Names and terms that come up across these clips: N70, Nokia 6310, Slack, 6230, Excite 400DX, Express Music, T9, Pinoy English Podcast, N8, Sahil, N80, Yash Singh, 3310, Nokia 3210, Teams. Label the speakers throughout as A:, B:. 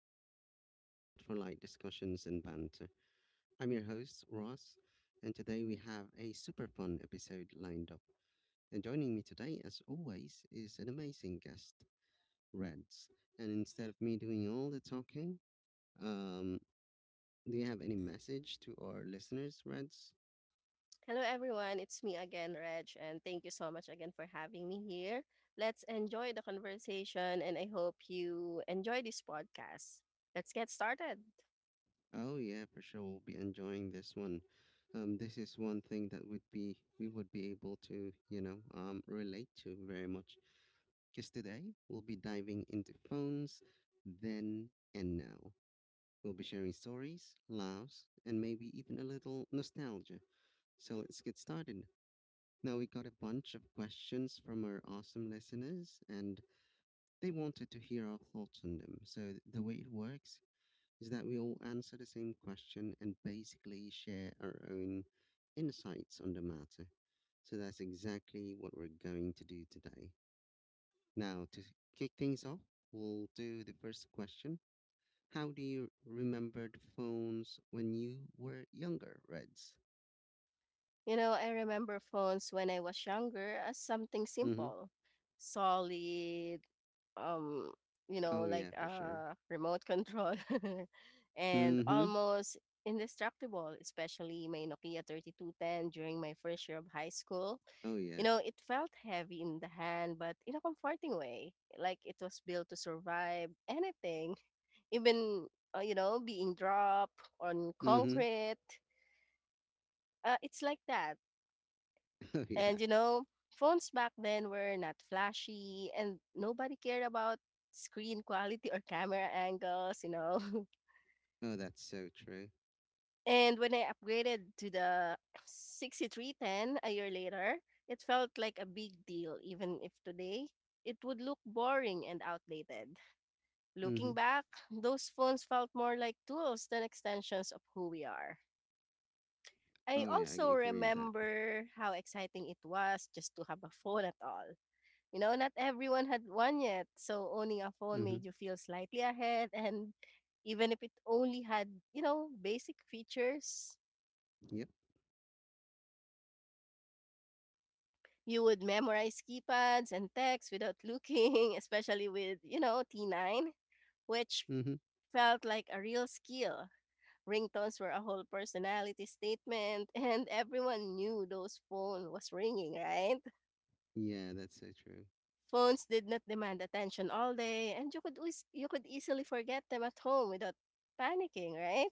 A: Podcast, your spot for light discussions and banter. I'm your host, Ross, and today we have a super fun episode lined up. And joining me today, as always, is an amazing guest, Reds. And instead of me doing all the talking, um, do you have any message to our listeners, Reds?
B: Hello, everyone. It's me again, Reg, and thank you so much again for having me here. Let's enjoy the conversation, and I hope you enjoy this podcast. Let's get started.
A: Oh yeah, for sure, we'll be enjoying this one. This is one thing that would be we would be able to, relate to very much because today we'll be diving into phones then and now. We'll be sharing stories, laughs, and maybe even a little nostalgia. So let's get started. Now, we got a bunch of questions from our awesome listeners, and they wanted to hear our thoughts on them. So, the way it works is that we all answer the same question and basically share our own insights on the matter. So, that's exactly what we're going to do today. Now, to kick things off, we'll do the first question. How do you remember the phones when you were younger, Reds?
B: You know, I remember phones when I was younger as something
A: Mm-hmm.
B: simple, solid, um, you know,
A: Oh, yeah,
B: like
A: for sure.
B: a remote control and
A: Mm-hmm.
B: almost indestructible, especially my Nokia 3210 during my first year of high school.
A: Oh,
B: You
A: yeah.
B: know, it felt heavy in the hand, but in a comforting way, like it was built to survive anything, even, you know, being dropped on
A: Mm-hmm.
B: concrete. It's like that.
A: Oh, yeah.
B: And, you know, phones back then were not flashy and nobody cared about screen quality or camera angles, you know.
A: Oh, that's so true.
B: And when I upgraded to the 6310 a year later, it felt like a big deal, even if today it would look boring and outdated.
A: Mm-hmm.
B: Looking back, those phones felt more like tools than extensions of who we are. I
A: Oh, yeah, I
B: also
A: agree with that.
B: remember how exciting it was just to have a phone at all. You know, not everyone had one yet, so owning a phone
A: Mm-hmm.
B: made you feel slightly ahead, and even if it only had, you know, basic features,
A: Yep.
B: you would memorize keypads and text without looking, especially with, you know, T9, which
A: Mm-hmm.
B: felt like a real skill. Ringtones were a whole personality statement, and everyone knew those phone was ringing, right?
A: Yeah, that's so true.
B: Phones did not demand attention all day, and you could you could easily forget them at home without panicking, right?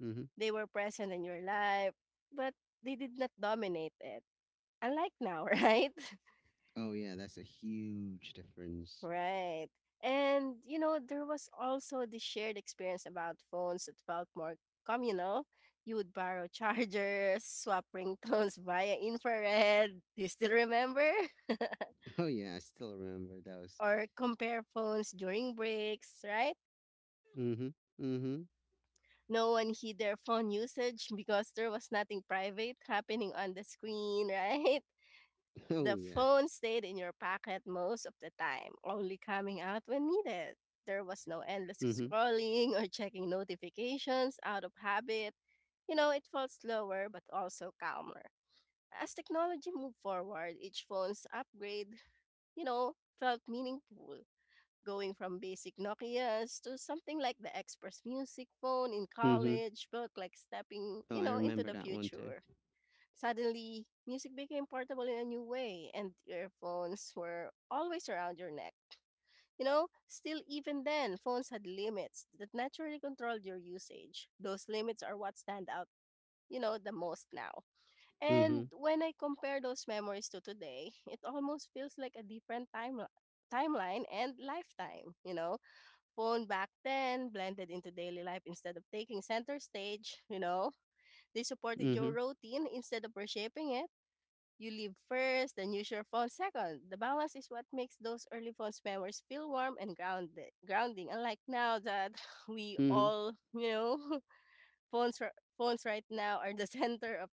A: Mm-hmm.
B: They were present in your life, but they did not dominate it. Unlike now, right?
A: Oh, yeah, that's a huge difference.
B: Right. And, you know, there was also the shared experience about phones that felt more communal. You would borrow chargers, swap ringtones via infrared. Do you still remember?
A: Oh, yeah, I still remember those.
B: Or compare phones during breaks, right?
A: Mm-hmm. Mm-hmm.
B: No one hid their phone usage because there was nothing private happening on the screen, right?
A: Oh,
B: The
A: yeah.
B: phone stayed in your pocket most of the time, only coming out when needed. There was no endless
A: Mm-hmm.
B: scrolling or checking notifications out of habit. You know, it felt slower but also calmer. As technology moved forward, each phone's upgrade, you know, felt meaningful. Going from basic Nokias to something like the Express Music phone in
A: Mm-hmm.
B: college felt like stepping,
A: Oh,
B: you
A: I
B: know, into
A: remember
B: the
A: that one too.
B: future. Suddenly, music became portable in a new way, and earphones were always around your neck. You know, still, even then, phones had limits that naturally controlled your usage. Those limits are what stand out, you know, the most now.
A: Mm-hmm.
B: And when I compare those memories to today, it almost feels like a different time, timeline and lifetime, you know? Phone back then blended into daily life instead of taking center stage, you know? They supported your
A: Mhm.
B: routine instead of reshaping it. You leave first, then use your phone second. The balance is what makes those early phones memories feel warm and grounded. Grounding, unlike now that we
A: Mhm.
B: all, you know, phones r- phones right now are the center of,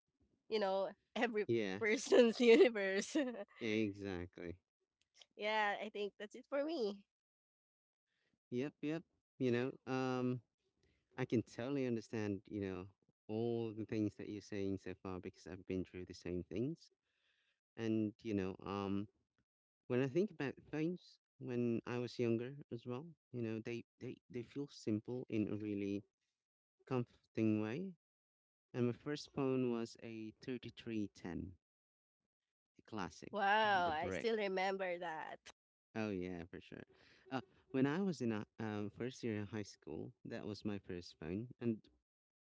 B: you know, every
A: Yeah.
B: person's universe.
A: Exactly.
B: Yeah, I think that's it for me.
A: Yep. Yep. You know, um, I can totally understand. All the things that you're saying so far, because I've been through the same things. And when I think about phones, when I was younger as well, you know, they feel simple in a really comforting way. And my first phone was a 3310, a classic,
B: Wow,
A: the
B: I
A: brick.
B: still remember that.
A: Oh, yeah, for sure. Uh, when I was in first year in high school, that was my first phone. And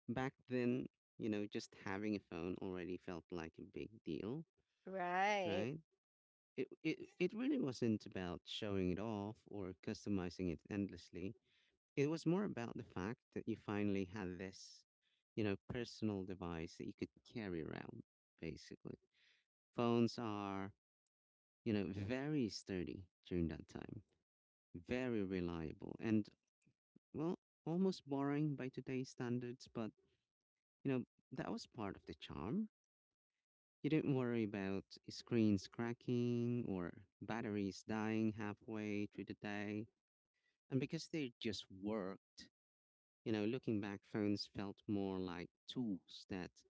A: back then, you know, just having a phone already felt like a big deal,
B: Right,
A: right? It really wasn't about showing it off or customizing it endlessly. It was more about the fact that you finally had this, you know, personal device that you could carry around, basically. Phones are, you know, very sturdy during that time, very reliable. And, well, almost boring by today's standards, but you know, that was part of the charm. You didn't worry about screens cracking or batteries dying halfway through the day. And because they just worked, you know, looking back, phones felt more like tools that,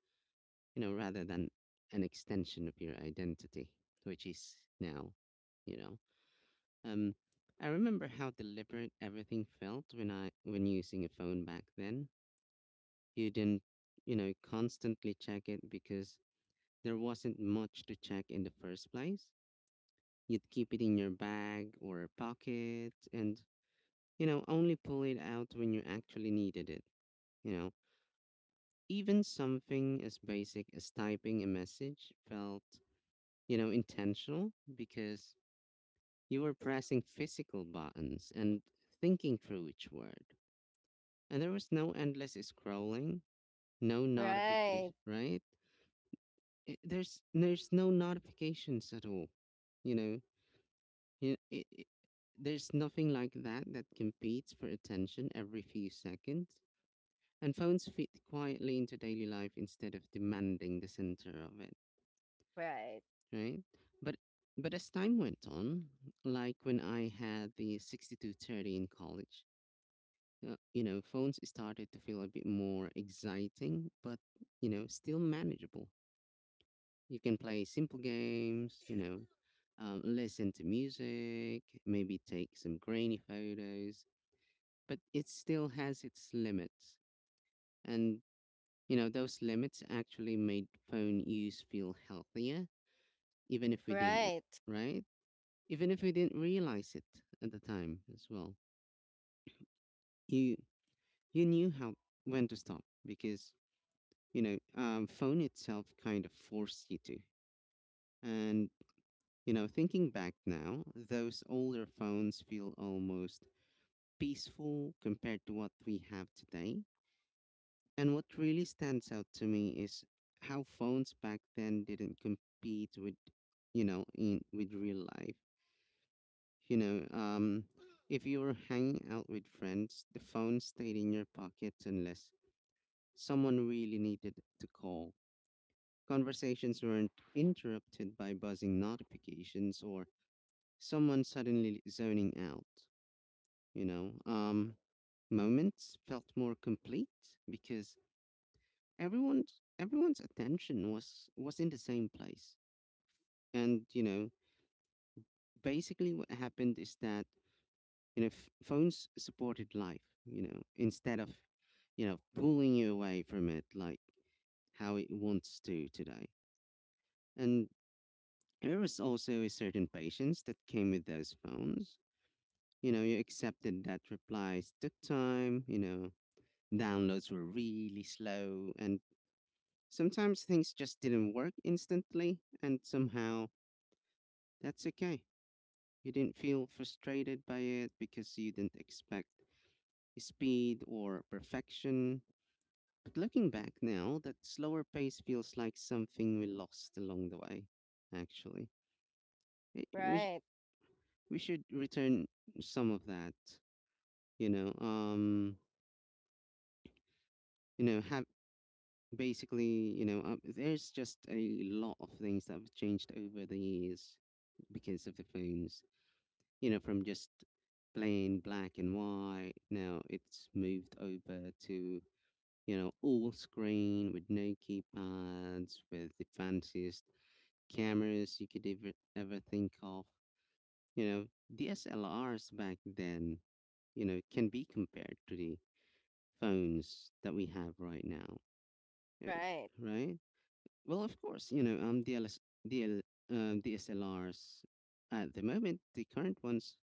A: you know, rather than an extension of your identity, which is now, you know. Um, I remember how deliberate everything felt when using a phone back then. You didn't, you know, constantly check it because there wasn't much to check in the first place. You'd keep it in your bag or pocket and, you know, only pull it out when you actually needed it. You know, even something as basic as typing a message felt, you know, intentional because you were pressing physical buttons and thinking through each word. And there was no endless scrolling, no
B: right,
A: notification, right? it, there's no notifications at all, you know. You- it, it, there's nothing like that that competes for attention every few seconds, and phones fit quietly into daily life instead of demanding the center of it,
B: right,
A: right? But as time went on, like when I had the 6230 in college, you know, phones started to feel a bit more exciting, but you know, still manageable. You can play simple games, you know, listen to music, maybe take some grainy photos, but it still has its limits. And, you know, those limits actually made phone use feel healthier, even if we didn't,
B: right,
A: right? Even if we didn't realize it at the time as well. You, you knew how, when to stop because, phone itself kind of forced you to. And you know, thinking back now, those older phones feel almost peaceful compared to what we have today. And what really stands out to me is how phones back then didn't compete with, you know, in with real life. You know, um, if you were hanging out with friends, the phone stayed in your pocket unless someone really needed to call. Conversations weren't interrupted by buzzing notifications or someone suddenly zoning out. you know um Moments felt more complete because everyone's attention was in the same place. And you know, basically what happened is that you know, phones supported life, you know, instead of, you know, pulling you away from it, like how it wants to today. And there was also a certain patience that came with those phones. You know, you accepted that replies took time, you know, downloads were really slow, and sometimes things just didn't work instantly, and somehow that's okay. You didn't feel frustrated by it because you didn't expect speed or perfection. But looking back now, that slower pace feels like something we lost along the way, actually. It- we, sh-
B: right,
A: we should return some of that, you know, um, have basically, there's just a lot of things that have changed over the years because of the phones, you know, from just plain black and white. Now it's moved over to, you know, all screen with no keypads, with the fanciest cameras you could ever, ever think of. You know, DSLRs back then, you know, can be compared to the phones that we have right now, uh,
B: right.
A: right? Well, of course, you know, um, DLS, DL, um, DSLRs at the moment, the current ones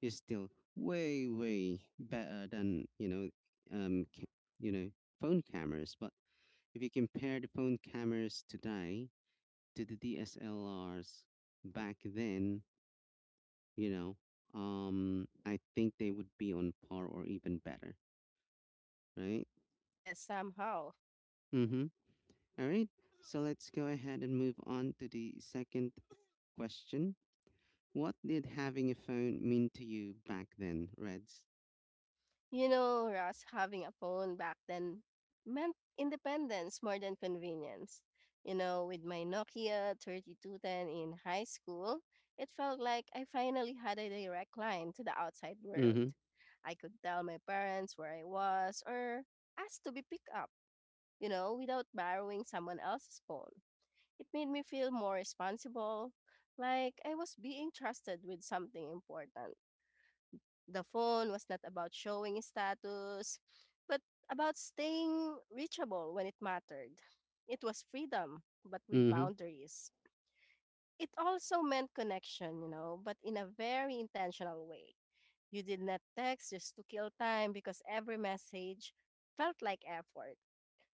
A: is still way better than, um ca- you know, phone cameras. But if you compare the phone cameras today to the DSLRs back then, you know, I think they would be on par or even better, right?
B: Yes, somehow.
A: Mhm. All right, so let's go ahead and move on to the second question. What did having a phone mean to you back then, Reds?
B: You know, Ross, having a phone back then meant independence more than convenience. You know, with my Nokia 3210 in high school, it felt like I finally had a direct line to the outside world.
A: Mhm.
B: I could tell my parents where I was or ask to be picked up, you know, without borrowing someone else's phone. It made me feel more responsible, like I was being trusted with something important. The phone was not about showing status, but about staying reachable when it mattered. It was freedom, but with
A: Mhm.
B: boundaries. It also meant connection, you know, but in a very intentional way. You did not text just to kill time because every message felt like effort.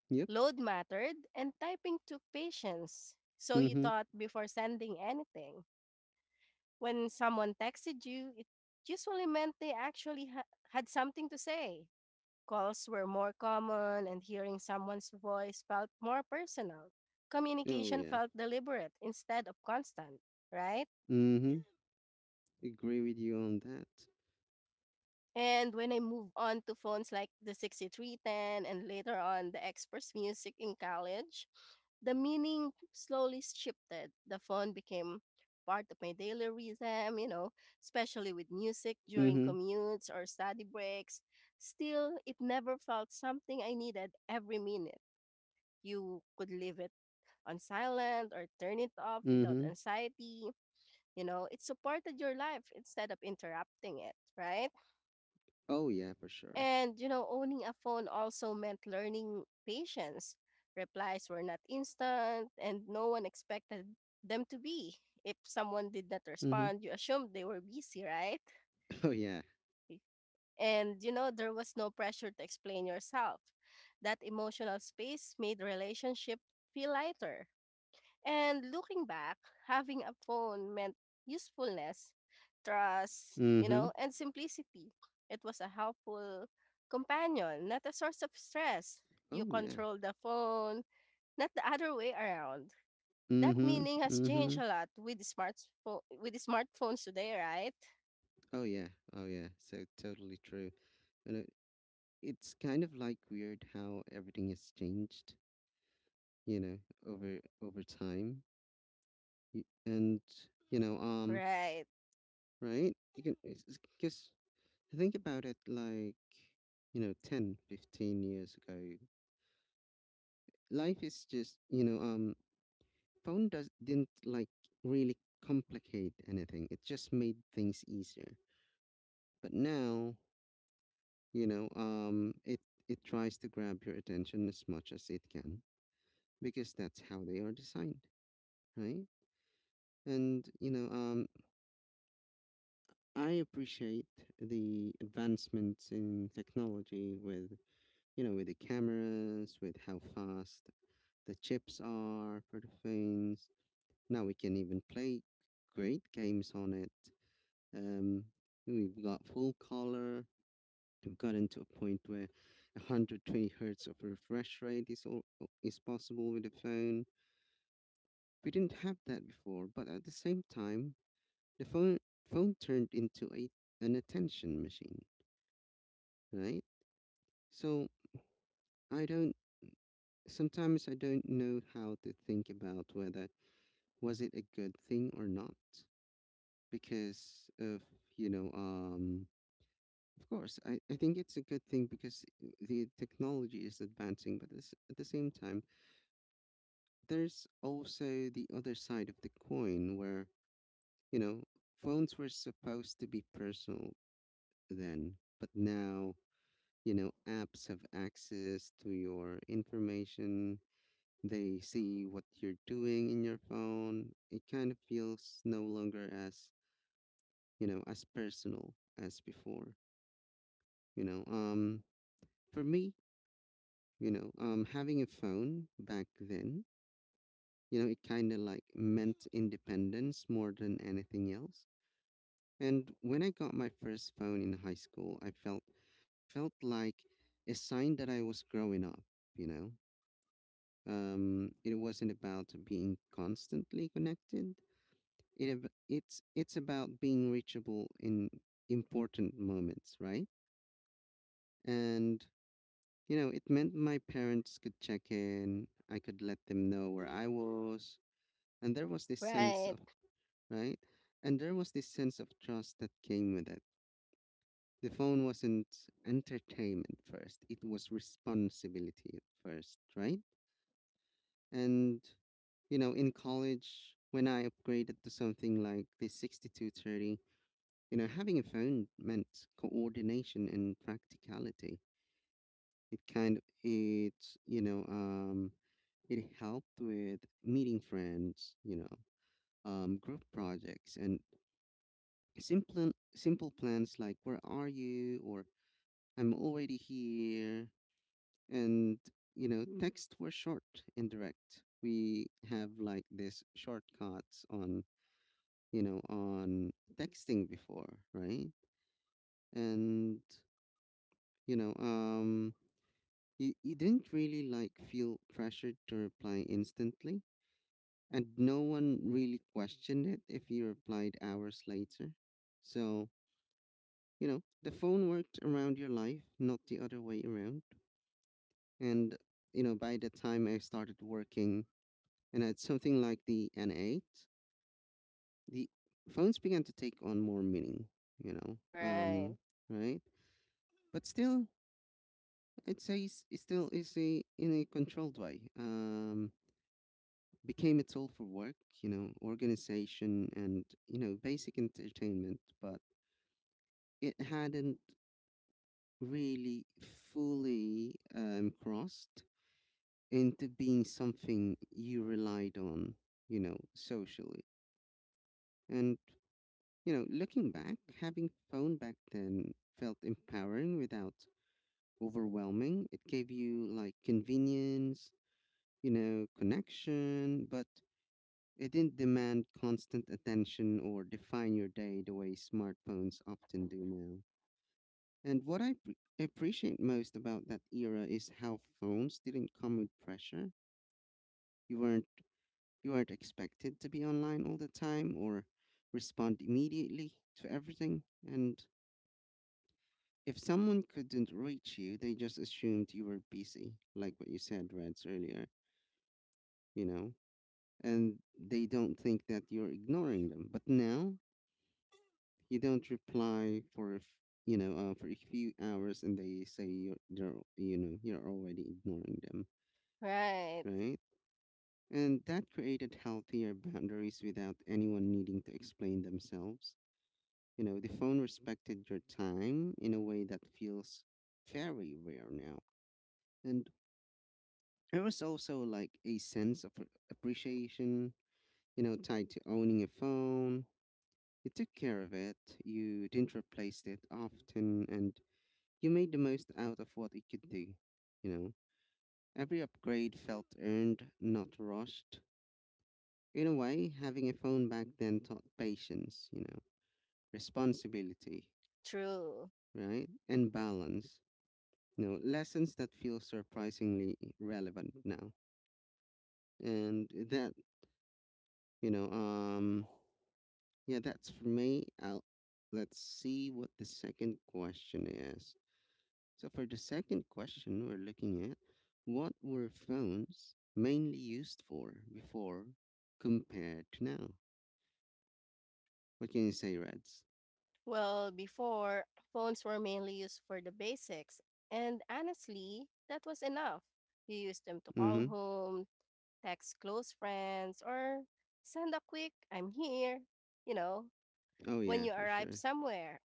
A: Yep.
B: Load mattered, and typing took patience. So you
A: Mhm.
B: thought before sending anything. When someone texted you, it usually meant they actually had something to say. Calls were more common, and hearing someone's voice felt more personal.
A: Oh
B: Communication
A: yeah.
B: felt deliberate instead of constant, right?
A: Mm-hmm. Agree with you on that.
B: And when I moved on to phones like the 6310 and later on the Express Music in college, the meaning slowly shifted. The phone became part of my daily rhythm, you know, especially with music during
A: Mm-hmm.
B: commutes or study breaks. Still, it never felt something I needed every minute. You could live it on silent or turn it off without
A: Mm-hmm.
B: anxiety. You know, it supported your life instead of interrupting it, right?
A: Oh yeah, for sure.
B: And, you know, owning a phone also meant learning patience. Replies were not instant, and no one expected them to be. If someone did not
A: Mm-hmm.
B: respond, you assumed they were busy, right?
A: Oh yeah.
B: And, you know, there was no pressure to explain yourself. That emotional space made relationship feel lighter. And looking back, having a phone meant usefulness, trust, you
A: Mm-hmm.
B: know, and simplicity. It was a helpful companion, not a source of stress. You
A: Oh yeah.
B: control the phone, not the other way around. That
A: Mm-hmm.
B: meaning has changed
A: Mm-hmm.
B: a lot with the smartphones today, right?
A: Oh yeah. Oh yeah. So totally true. You know, it's kind of like weird how everything has changed, you know, over time. And you know, um,
B: Right.
A: right? You can because think about it like, you know, 10, 15 years ago, life is just, phone does didn't like really complicate anything. It just made things easier. But now, it tries to grab your attention as much as it can because that's how they are designed, right? And I appreciate the advancements in technology with you know, with the cameras, with how fast the chips are for the phones. Now we can even play great games on it. Um, we've got full color. We've gotten to a point where 120 hertz of refresh rate is possible with the phone. We didn't have that before, but at the same time, the phone turned into a an attention machine, right? So I don't. Sometimes I don't know how to think about whether was it a good thing or not, because of, you know um of course, I think it's a good thing because the technology is advancing, but at the same time, there's also the other side of the coin where, you know, phones were supposed to be personal then, but now, you know, apps have access to your information. They see what you're doing in your phone. It kind of feels no longer as, you know, as personal as before, you know. For me, having a phone back then, you know, it kind of like meant independence more than anything else. And when I got my first phone in high school, I felt like a sign that I was growing up. You know, it wasn't about being constantly connected. It ab- It's about being reachable in important moments, right? And you know, it meant my parents could check in. I could let them know where I was, and there was this sense of,
B: Right.
A: right, and there was this sense of trust that came with it. The phone wasn't entertainment first, it was responsibility at first, right? And you know, in college when I upgraded to something like the 6230, you know, having a phone meant coordination and practicality. it kind of it you know um it helped with meeting friends, you know, group projects and simple plans like, where are you, or I'm already here. And you know, texts were short and direct. We have like this shortcuts on, you know, on texting before, right? And you know um you didn't really like feel pressured to reply instantly, and no one really questioned it if you replied hours later. So, the phone worked around your life, not the other way around. And by the time I started working and I had something like the N8, the phones began to take on more meaning, you know um
B: Right.
A: right. But still, it still is, a in a controlled way, became a tool for work, you know, organization and you know basic entertainment, but it hadn't really fully crossed into being something you relied on, you know, socially. And, you know, looking back, having phone back then felt empowering without overwhelming. It gave you like convenience, you know, connection, but it didn't demand constant attention or define your day the way smartphones often do now. And what appreciate most about that era is how phones didn't come with pressure. You weren't You aren't expected to be online all the time or respond immediately to everything. And if someone couldn't reach you, they just assumed you were busy, like what you said, Reds, earlier, you know? And they don't think that you're ignoring them. But now you don't reply for a f- for a few hours, and they're, you know, you're already ignoring them,
B: Right.
A: right? And that created healthier boundaries without anyone needing to explain themselves. You know, the phone respected your time in a way that feels very rare now. And there was also like a sense of appreciation, you know, tied to owning a phone. You took care of it, you didn't replace it often, and you made the most out of what it could do. You know, every upgrade felt earned, not rushed. In a way, having a phone back then taught patience, you know, responsibility,
B: True.
A: right? And balance, you know, lessons that feel surprisingly relevant now. And that, you know, um, yeah, that's for me. Let's see what the second question is. So, for the second question, we're looking at what were phones mainly used for before compared to now? What can you say, Reds?
B: Well, before, phones were mainly used for the basics, and honestly, that was enough. You used them to
A: Mm hmm.
B: call home, text close friends, or send a quick, I'm here, you know,
A: Oh,
B: when
A: yeah,
B: you
A: for
B: arrive
A: sure.
B: somewhere.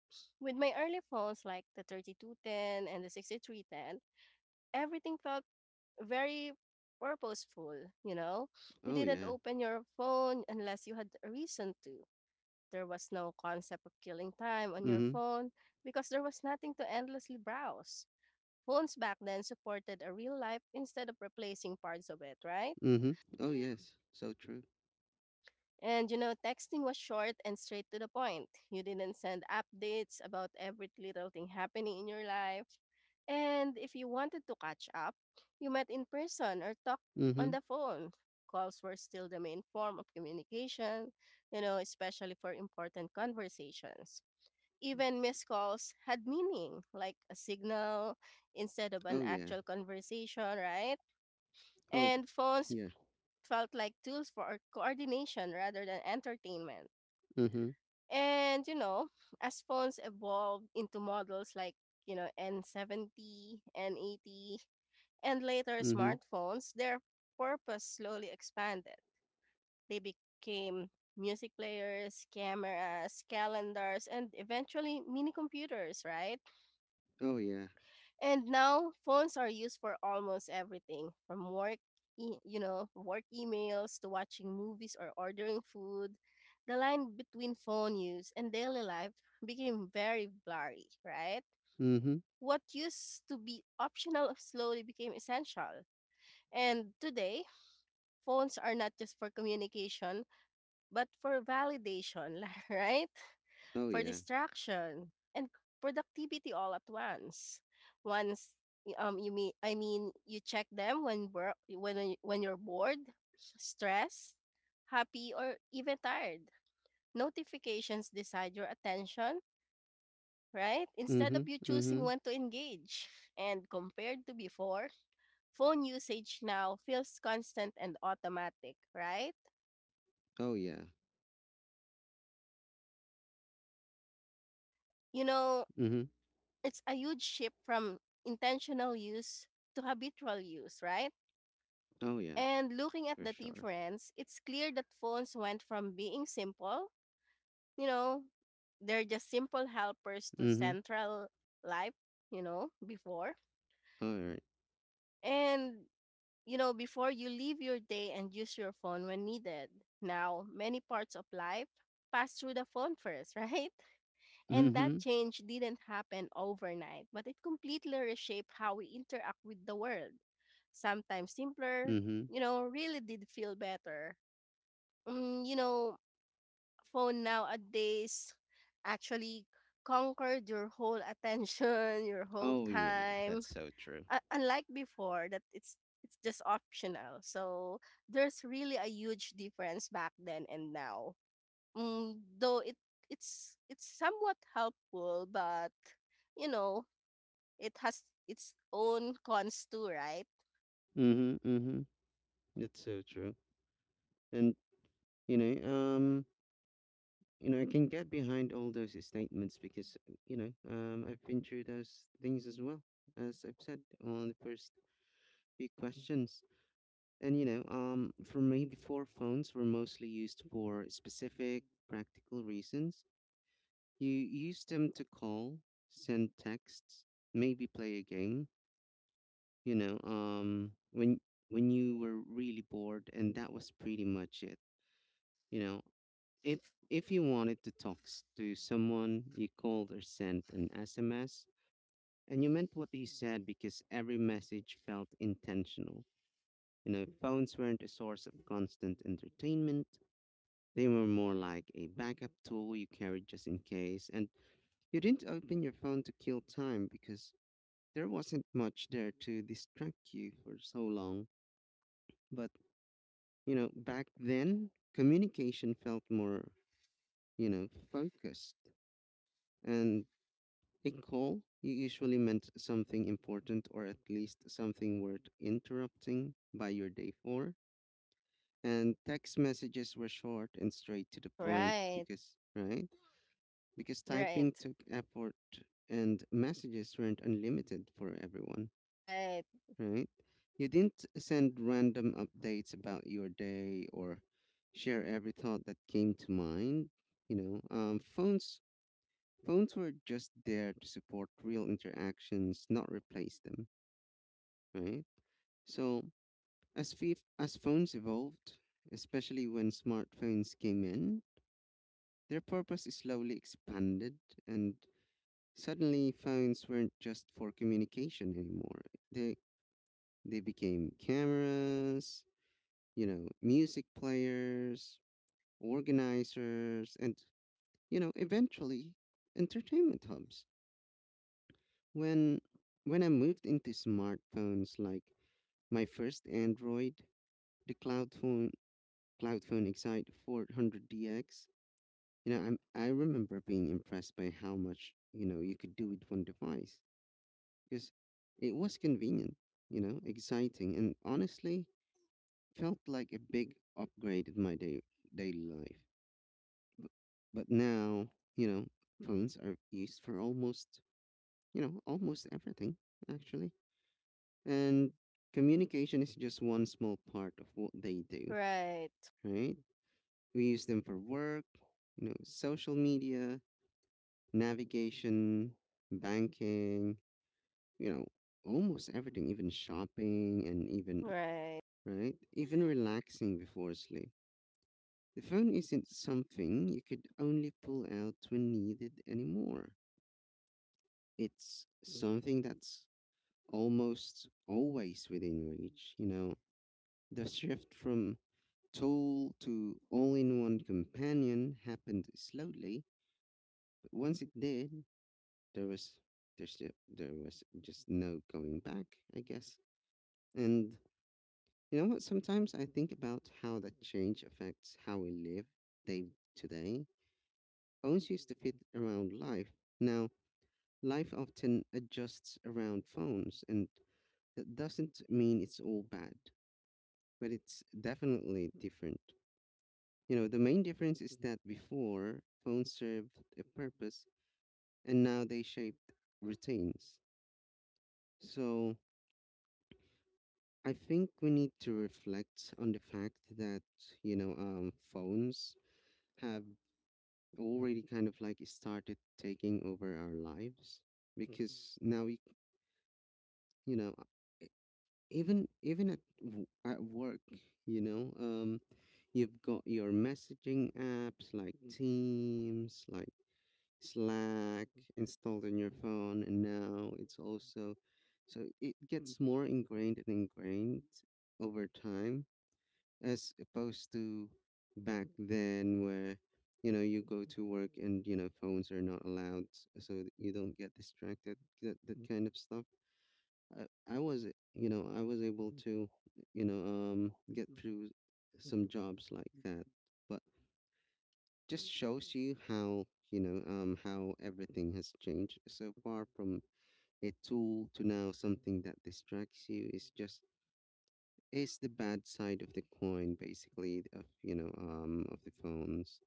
B: With my early phones like the 3210 and the 6310, everything felt very purposeful, you know? You
A: Oh,
B: didn't
A: yeah.
B: open your phone unless you had a reason to. There was no concept of killing time on your
A: Mm
B: phone because there was nothing to endlessly browse. Phones back then supported a real life instead of replacing parts of it, right?
A: hmm. Mm hmm. Oh, yes. So true.
B: And you know, texting was short and straight to the point. You didn't send updates about every little thing happening in your life. And if you wanted to catch up, you met in person or talked
A: Mm
B: on
A: hmm.
B: the phone. Calls were still the main form of communication, you know, especially for important conversations. Even missed calls had meaning, like a signal instead of an
A: Oh, yeah.
B: actual conversation, right?
A: Oh,
B: And phones
A: yeah.
B: felt like tools for coordination rather than entertainment.
A: Mm
B: And, you know, as phones evolved into models like, you know, N70, N80, and later
A: hmm.
B: smartphones, their purpose slowly expanded. They became music players, cameras, calendars, and eventually mini computers, right?
A: Oh, yeah.
B: And now phones are used for almost everything from work, you know, work emails to watching movies or ordering food. The line between phone use and daily life became very blurry, right?
A: mm Mhm.
B: What used to be optional slowly became essential. And today, phones are not just for communication, but for validation, right?
A: Oh,
B: For
A: yeah.
B: distraction, and productivity all at once. Once y- you mean I mean You check them when you're bored, stressed, happy or even tired. Notifications decide your attention, right?
A: mm
B: Instead of
A: Mhm.
B: you
A: Mm
B: choosing
A: Mhm.
B: when to engage. And compared to before, phone usage now feels constant and automatic, right?
A: Oh, yeah.
B: You know,
A: mm Mhm.
B: it's a huge shift from intentional use to habitual use, right?
A: Oh, yeah.
B: And looking at
A: For
B: the
A: sure.
B: difference, it's clear that phones went from being simple, you know, they're just simple helpers to
A: Mm Mhm.
B: central life, you know, before.
A: All Mm right.
B: And, you know, before you leave your day and use your phone when needed. Now, many parts of life pass through the phone first, right?
A: Mm
B: And that
A: Mhm.
B: change didn't happen overnight, but it completely reshaped how we interact with the world. Sometimes simpler,
A: Mhm.
B: you know, really did feel better. You know, phone nowadays actually conquered your whole attention, your whole
A: Oh, yeah.
B: time.
A: That's so true.
B: Unlike before, that it's just optional. So there's really a huge difference back then and now. Mm, though it's somewhat helpful, but you know, it has its own cons too, right?
A: Mm Mhm. Mm Mhm. That's so true. And you know, um, I can get behind all those statements because, I've been through those things as well, as I've said on the first few questions. And for me, before phones were mostly used for specific practical reasons. You use them to call, send texts, maybe play a game, you know, um when when you were really bored, and that was pretty much it. You know, if you wanted to to someone, you called or sent an SMS, and you meant what you said because every message felt intentional. You know, phones weren't a source of constant entertainment. They were more like a backup tool you carried just in case, and you didn't open your phone to kill time because there wasn't much there to distract you for so long. But, you know, back then, communication felt more, you know, focused. And a usually meant something important, or at least something worth interrupting by your day for. And text messages were short and straight to the point
B: Right,
A: because, right? Because typing
B: right,
A: took effort and messages weren't unlimited for everyone,
B: right,
A: right? You didn't send random updates about your day or share every thought that came to mind. You know, phones were just there to support real interactions, not replace them, right? So, as phones evolved, especially when smartphones came in, their purpose slowly expanded, and suddenly phones weren't just for communication anymore. They they became cameras, you know, music players, organizers, and you know, eventually, entertainment hubs. When when I moved into smartphones like my first Android, the cloud phone Excite 400DX, I remember being impressed by how much, you know, you could do with one device because it was convenient, you know, exciting, and honestly felt like a big upgrade in my daily life. But now, you know, phones are used for almost, you know, almost everything, actually. And communication is just one small part of what they do,
B: right,
A: right? We use them for work, you know, social media, navigation, banking, you know, almost everything, even shopping and even,
B: right,
A: right? Even relaxing before sleep. The phone isn't something you could only pull out when needed anymore. It's something that's almost always within reach. You know, the shift from tool to all in one companion happened slowly, but once it did, there was there was just no going back, I guess. And you know what? Sometimes I think about how that change affects how we live day to day. Phones used to fit around life. Now, life often adjusts around phones, and that doesn't mean it's all bad, but it's definitely different. You know, the main difference is that before, phones served a purpose, and now they shape routines. So, I think we need to reflect on the fact that, phones have already kind of like started taking over our lives because now we, you know, e- even at at work, you know, um, you've got your messaging apps like Teams, like Slack installed on your phone, and now it's also, so it gets more ingrained and ingrained over time, as opposed to back then where, you know, you go to work and you know phones are not allowed so that you don't get distracted, that, that kind of stuff. I was I was able to, get through some jobs like that. But just shows you how, how everything has changed so far, from a tool to now something that distracts you, is just is the bad side of the coin, basically, of of the phones.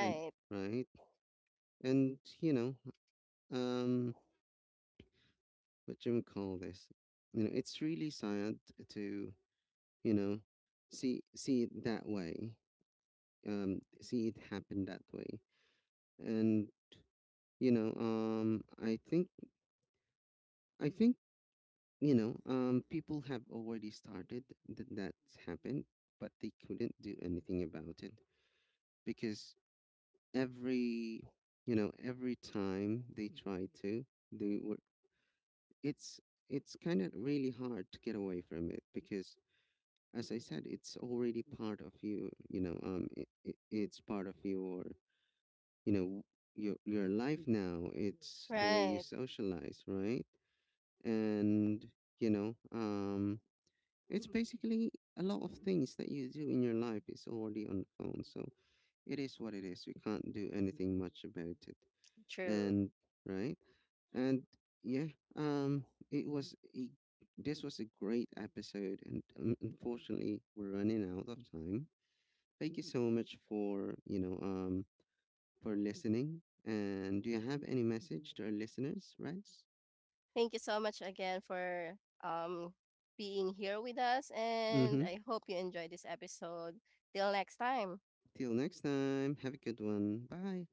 A: And right. And, um what you would call this, you know, it's really sad to, you know, see it that way, see it happen that way. And, you know um i think I think, people have already started that, that's happened, but they couldn't do anything about it, because every, you know, every time they try to, they were it's it's kind of really hard to get away from it because, as I said, it's already part of you. You know, it's part of your, you know, your life now. It's the way you
B: Right,
A: socialize, right? And, you know um it's basically a lot of things that you do in your life is already on the phone. So, it is what it is. We can't do anything much about it.
B: true.
A: And right. And yeah, um it was a, this was a great episode, and unfortunately we're running out of time. Thank you so much for, for listening. And do you have any message to our listeners, Reds?
B: Thank you so much again for um being here with us and
A: Mm-hmm.
B: I hope you enjoy this episode. Till next time.
A: Till next time, have a good one. Bye.